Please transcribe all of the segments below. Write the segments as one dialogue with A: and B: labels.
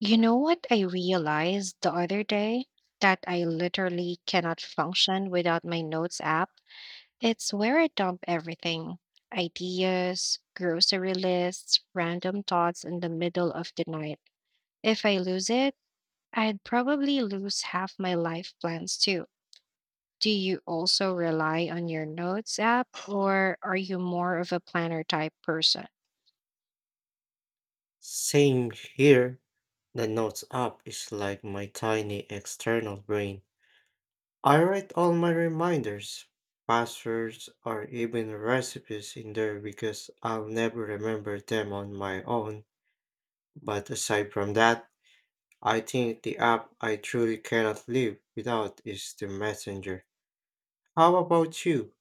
A: You know what I realized the other day? That I literally cannot function without my notes app. It's where I dump everything ideas, grocery lists, random thoughts in the middle of the night. If I lose it, I'd probably lose half my life plans too. Do you also rely on your notes app, or are you more of a planner type person?
B: Same here. The Notes app is like my tiny external brain. I write all my reminders, passwords, or even recipes in there because I'll never remember them on my own. But aside from that, I think the app I truly cannot live without is the Messenger. How about you?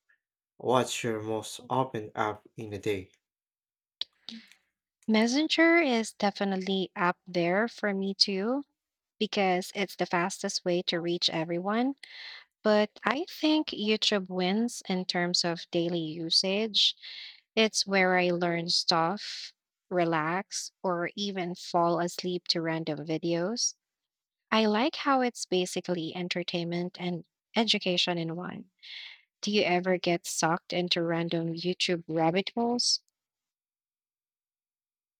B: What's your most open app in a day?
A: Messenger is definitely up there for me too because it's the fastest way to reach everyone. But I think YouTube wins in terms of daily usage. It's where I learn stuff, relax, or even fall asleep to random videos. I like how it's basically entertainment and education in one. Do you ever get sucked into random YouTube rabbit holes?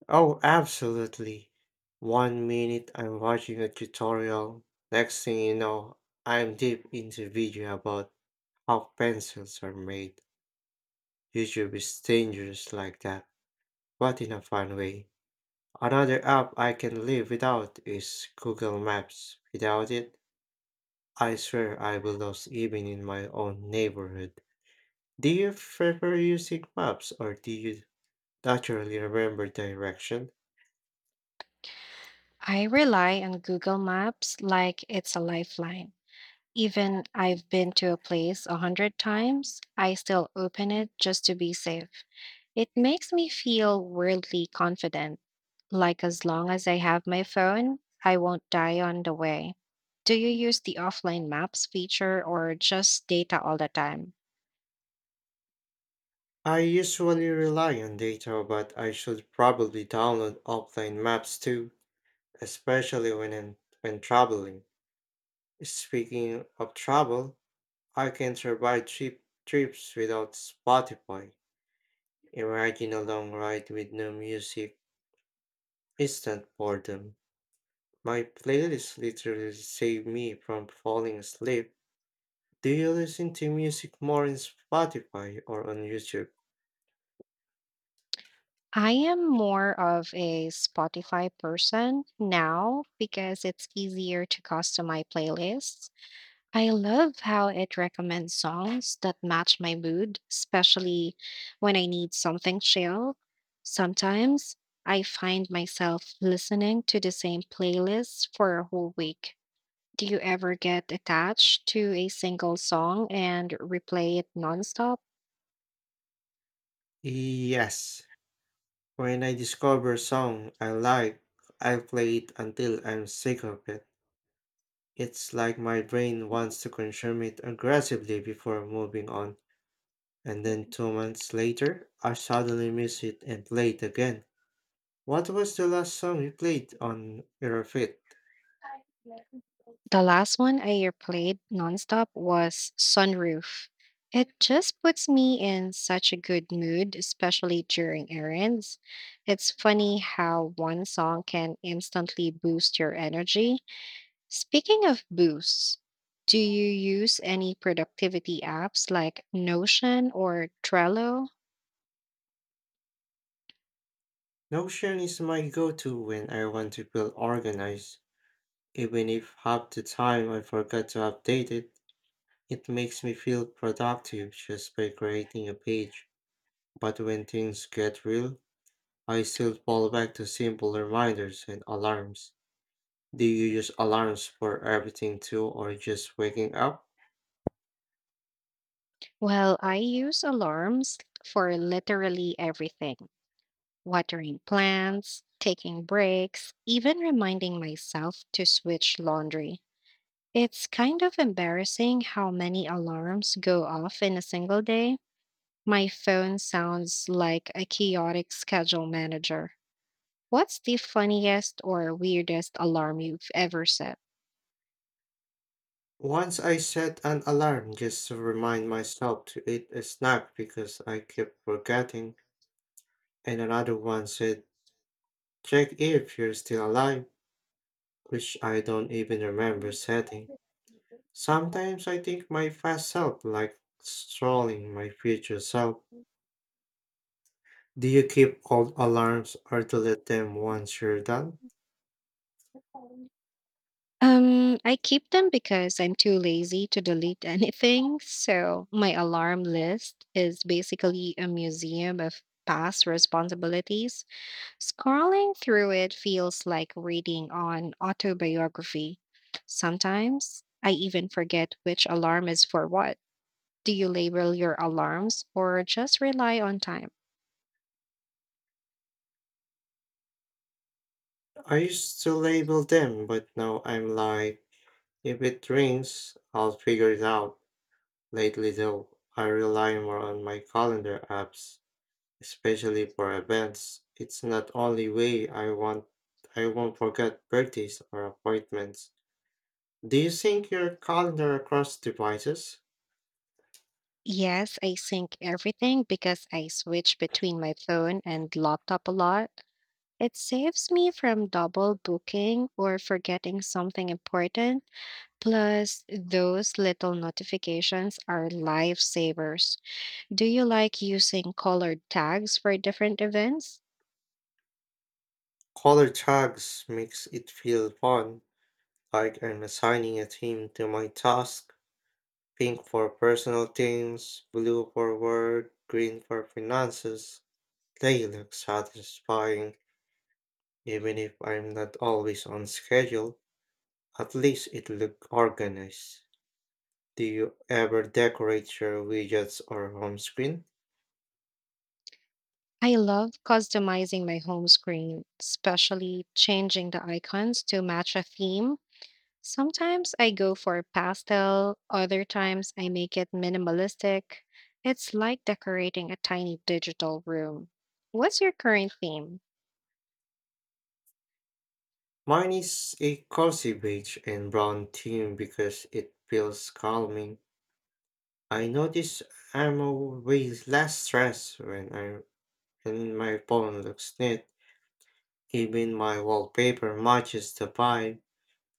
B: Oh, absolutely. One minute I'm watching a tutorial, next thing you know, I'm deep into video about how pencils are made. YouTube is dangerous like that, but in a fun way. Another app I can live without is Google Maps. Without it, I swear I will lose even in my own neighborhood. Do you prefer using maps or do you naturally remember direction?
A: I rely on Google Maps like it's a lifeline. Even I've been to a place 100 times, I still open it just to be safe. It makes me feel weirdly confident, like as long as I have my phone, I won't die on the way. Do you use the offline maps feature or just data all the time?
B: I usually rely on data, but I should probably download offline maps too, especially when traveling. Speaking of travel, I can survive cheap trips without Spotify. Imagine a long ride with no music, instant boredom. My playlist literally saved me from falling asleep. Do you listen to music more in Spotify or on YouTube?
A: I am more of a Spotify person now because it's easier to customize playlists. I love how it recommends songs that match my mood, especially when I need something chill. Sometimes I find myself listening to the same playlist for a whole week. Do you ever get attached to a single song and replay it nonstop?
B: Yes, when I discover a song I like, I play it until I'm sick of it. It's like my brain wants to consume it aggressively before moving on. And then 2 months later, I suddenly miss it and play it again. What was the last song you played on your feed?
A: The last one I played nonstop was Sunroof. It just puts me in such a good mood, especially during errands. It's funny how one song can instantly boost your energy. Speaking of boosts, do you use any productivity apps like Notion or Trello?
B: Notion is my go-to when I want to feel organized. Even if half the time I forget to update it, it makes me feel productive just by creating a page. But when things get real, I still fall back to simple reminders and alarms. Do you use alarms for everything too, or just waking up?
A: Well, I use alarms for literally everything: watering plants, taking breaks, even reminding myself to switch laundry. It's kind of embarrassing how many alarms go off in a single day. My phone sounds like a chaotic schedule manager. What's the funniest or weirdest alarm you've ever set?
B: Once I set an alarm just to remind myself to eat a snack because I kept forgetting, and another one said, check if you're still alive, which I don't even remember setting. Sometimes I think my past self like trolling my future self. Do you keep old alarms or delete them once you're done?
A: I keep them because I'm too lazy to delete anything. So my alarm list is basically a museum of past responsibilities. Scrolling through it feels like reading on autobiography. Sometimes I even forget which alarm is for what. Do you label your alarms or just rely on time?
B: I used to label them, but now I'm like, if it rings, I'll figure it out. Lately, though, I rely more on my calendar apps, especially for events. It's not only way. I won't forget birthdays or appointments. Do you sync your calendar across devices?
A: Yes, I sync everything because I switch between my phone and laptop a lot. It saves me from double booking or forgetting something important. Plus, those little notifications are lifesavers. Do you like using colored tags for different events?
B: Color tags makes it feel fun, like I'm assigning a theme to my task. Pink for personal things, blue for work, green for finances. They look satisfying, even if I'm not always on schedule. At least it look organized. Do you ever decorate your widgets or home screen?
A: I love customizing my home screen, especially changing the icons to match a theme. Sometimes I go for pastel, other times I make it minimalistic. It's like decorating a tiny digital room. What's your current theme?
B: Mine is a cozy beige and brown theme because it feels calming. I notice I'm always less stressed when my phone looks neat. Even my wallpaper matches the vibe.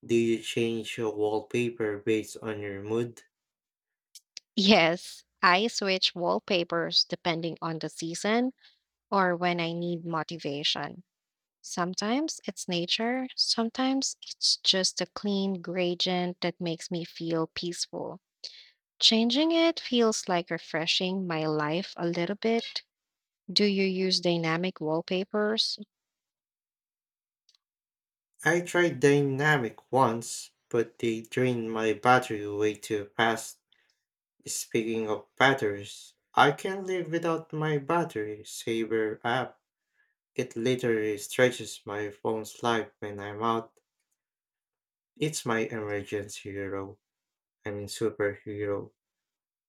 B: Do you change your wallpaper based on your mood?
A: Yes, I switch wallpapers depending on the season or when I need motivation. Sometimes it's nature, sometimes it's just a clean gradient that makes me feel peaceful. Changing it feels like refreshing my life a little bit. Do you use dynamic wallpapers?
B: I tried dynamic once, but they drained my battery way too fast. Speaking of batteries, I can't live without my battery saver app. It literally stretches my phone's life when I'm out. It's my emergency hero. I mean superhero.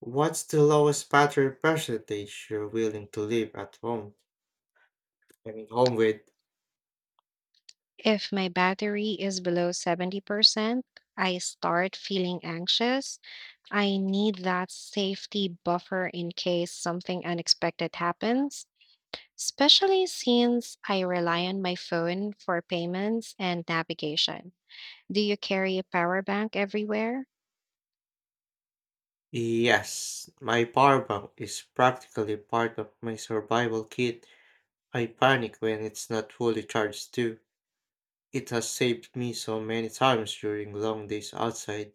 B: What's the lowest battery percentage you're willing to leave at home? I'm home with.
A: If my battery is below 70%, I start feeling anxious. I need that safety buffer in case something unexpected happens, especially since I rely on my phone for payments and navigation. Do you carry a power bank everywhere?
B: Yes, my power bank is practically part of my survival kit. I panic when it's not fully charged too. It has saved me so many times during long days outside.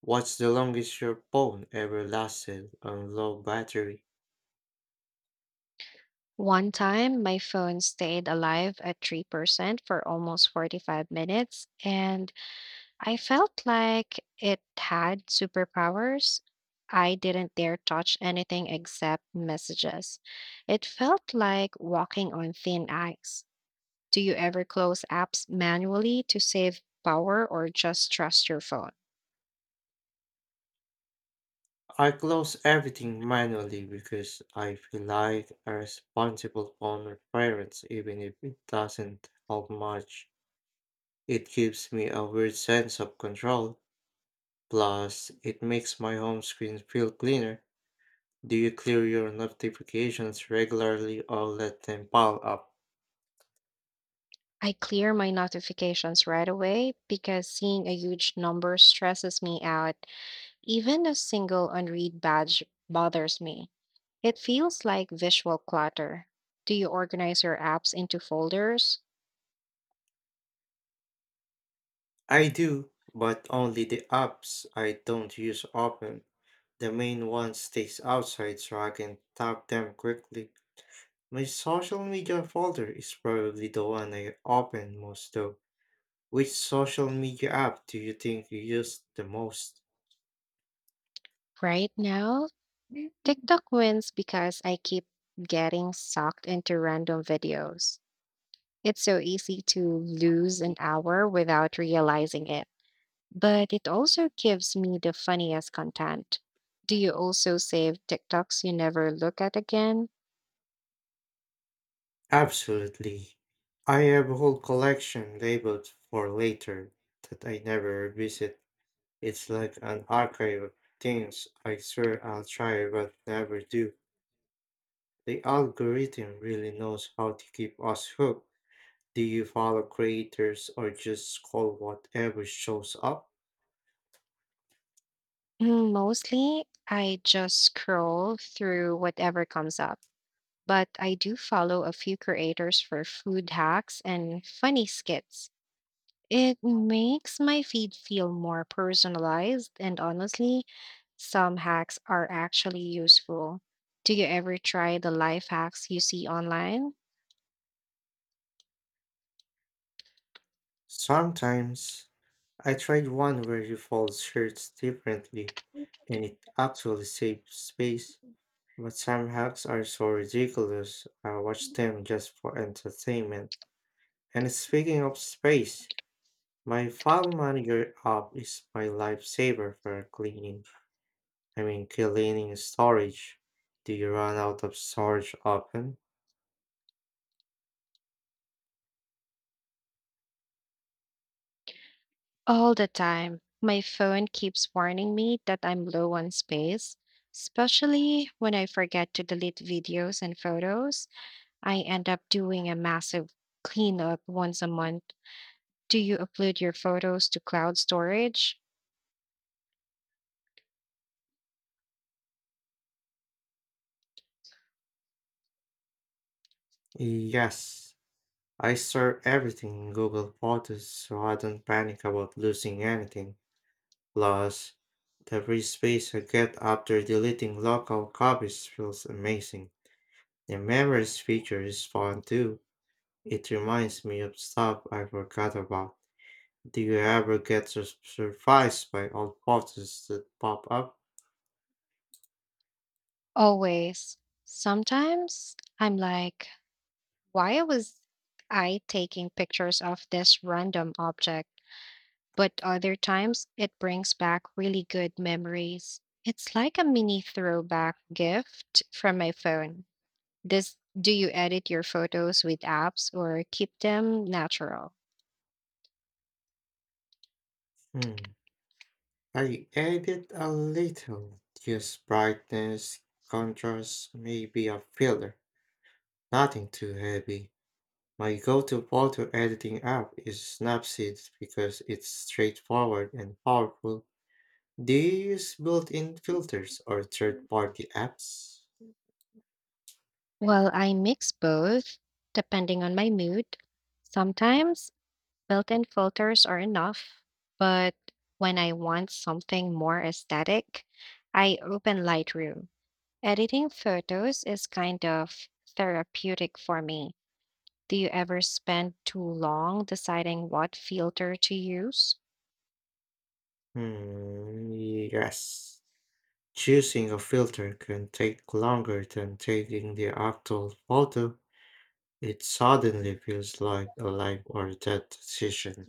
B: What's the longest your phone ever lasted on low battery?
A: One time, my phone stayed alive at 3% for almost 45 minutes, and I felt like it had superpowers. I didn't dare touch anything except messages. It felt like walking on thin ice. Do you ever close apps manually to save power or just trust your phone?
B: I close everything manually because I feel like a responsible phone parent even if it doesn't help much. It gives me a weird sense of control. Plus, it makes my home screen feel cleaner. Do you clear your notifications regularly or let them pile up?
A: I clear my notifications right away because seeing a huge number stresses me out. Even a single unread badge bothers me. It feels like visual clutter. Do you organize your apps into folders?
B: I do, but only the apps I don't use often. The main one stays outside so I can tap them quickly. My social media folder is probably the one I open most though. Which social media app do you think you use the most?
A: Right now, TikTok wins because I keep getting sucked into random videos. It's so easy to lose an hour without realizing it, but it also gives me the funniest content. Do you also save TikToks you never look at again?
B: Absolutely. I have a whole collection labeled for later that I never revisit. It's like an archive of things I swear I'll try but never do. The algorithm really knows how to keep us hooked. Do you follow creators or just scroll whatever shows up?
A: Mostly, I just scroll through whatever comes up, but I do follow a few creators for food hacks and funny skits. It makes my feed feel more personalized, and honestly, some hacks are actually useful. Do you ever try the life hacks you see online?
B: Sometimes I tried one where you fold shirts differently and it actually saves space. But some hacks are so ridiculous, I watch them just for entertainment. And speaking of space, my file manager app is my lifesaver for cleaning. I mean, cleaning storage. Do you run out of storage often?
A: All the time. My phone keeps warning me that I'm low on space, especially when I forget to delete videos and photos. I end up doing a massive cleanup once a month. Do you upload your photos to cloud storage?
B: Yes. I store everything in Google Photos so I don't panic about losing anything. Plus, the free space I get after deleting local copies feels amazing. The memories feature is fun too. It reminds me of stuff I forgot about. Do you ever get surprised by old photos that pop up?
A: Always. Sometimes I'm like, why was I taking pictures of this random object? But other times it brings back really good memories. It's like a mini throwback gift from my phone. Does do you edit your photos with apps or keep them natural?
B: Hmm. I edit a little. Use brightness, contrast, maybe a filter. Nothing too heavy. My go-to photo editing app is Snapseed because it's straightforward and powerful. Do you use built-in filters or third-party apps?
A: Well, I mix both depending on my mood. Sometimes built-in filters are enough, but when I want something more aesthetic, I open Lightroom. Editing photos is kind of therapeutic for me. Do you ever spend too long deciding what filter to use?
B: Hmm, yes. Choosing a filter can take longer than taking the actual photo. It suddenly feels like a life or death decision.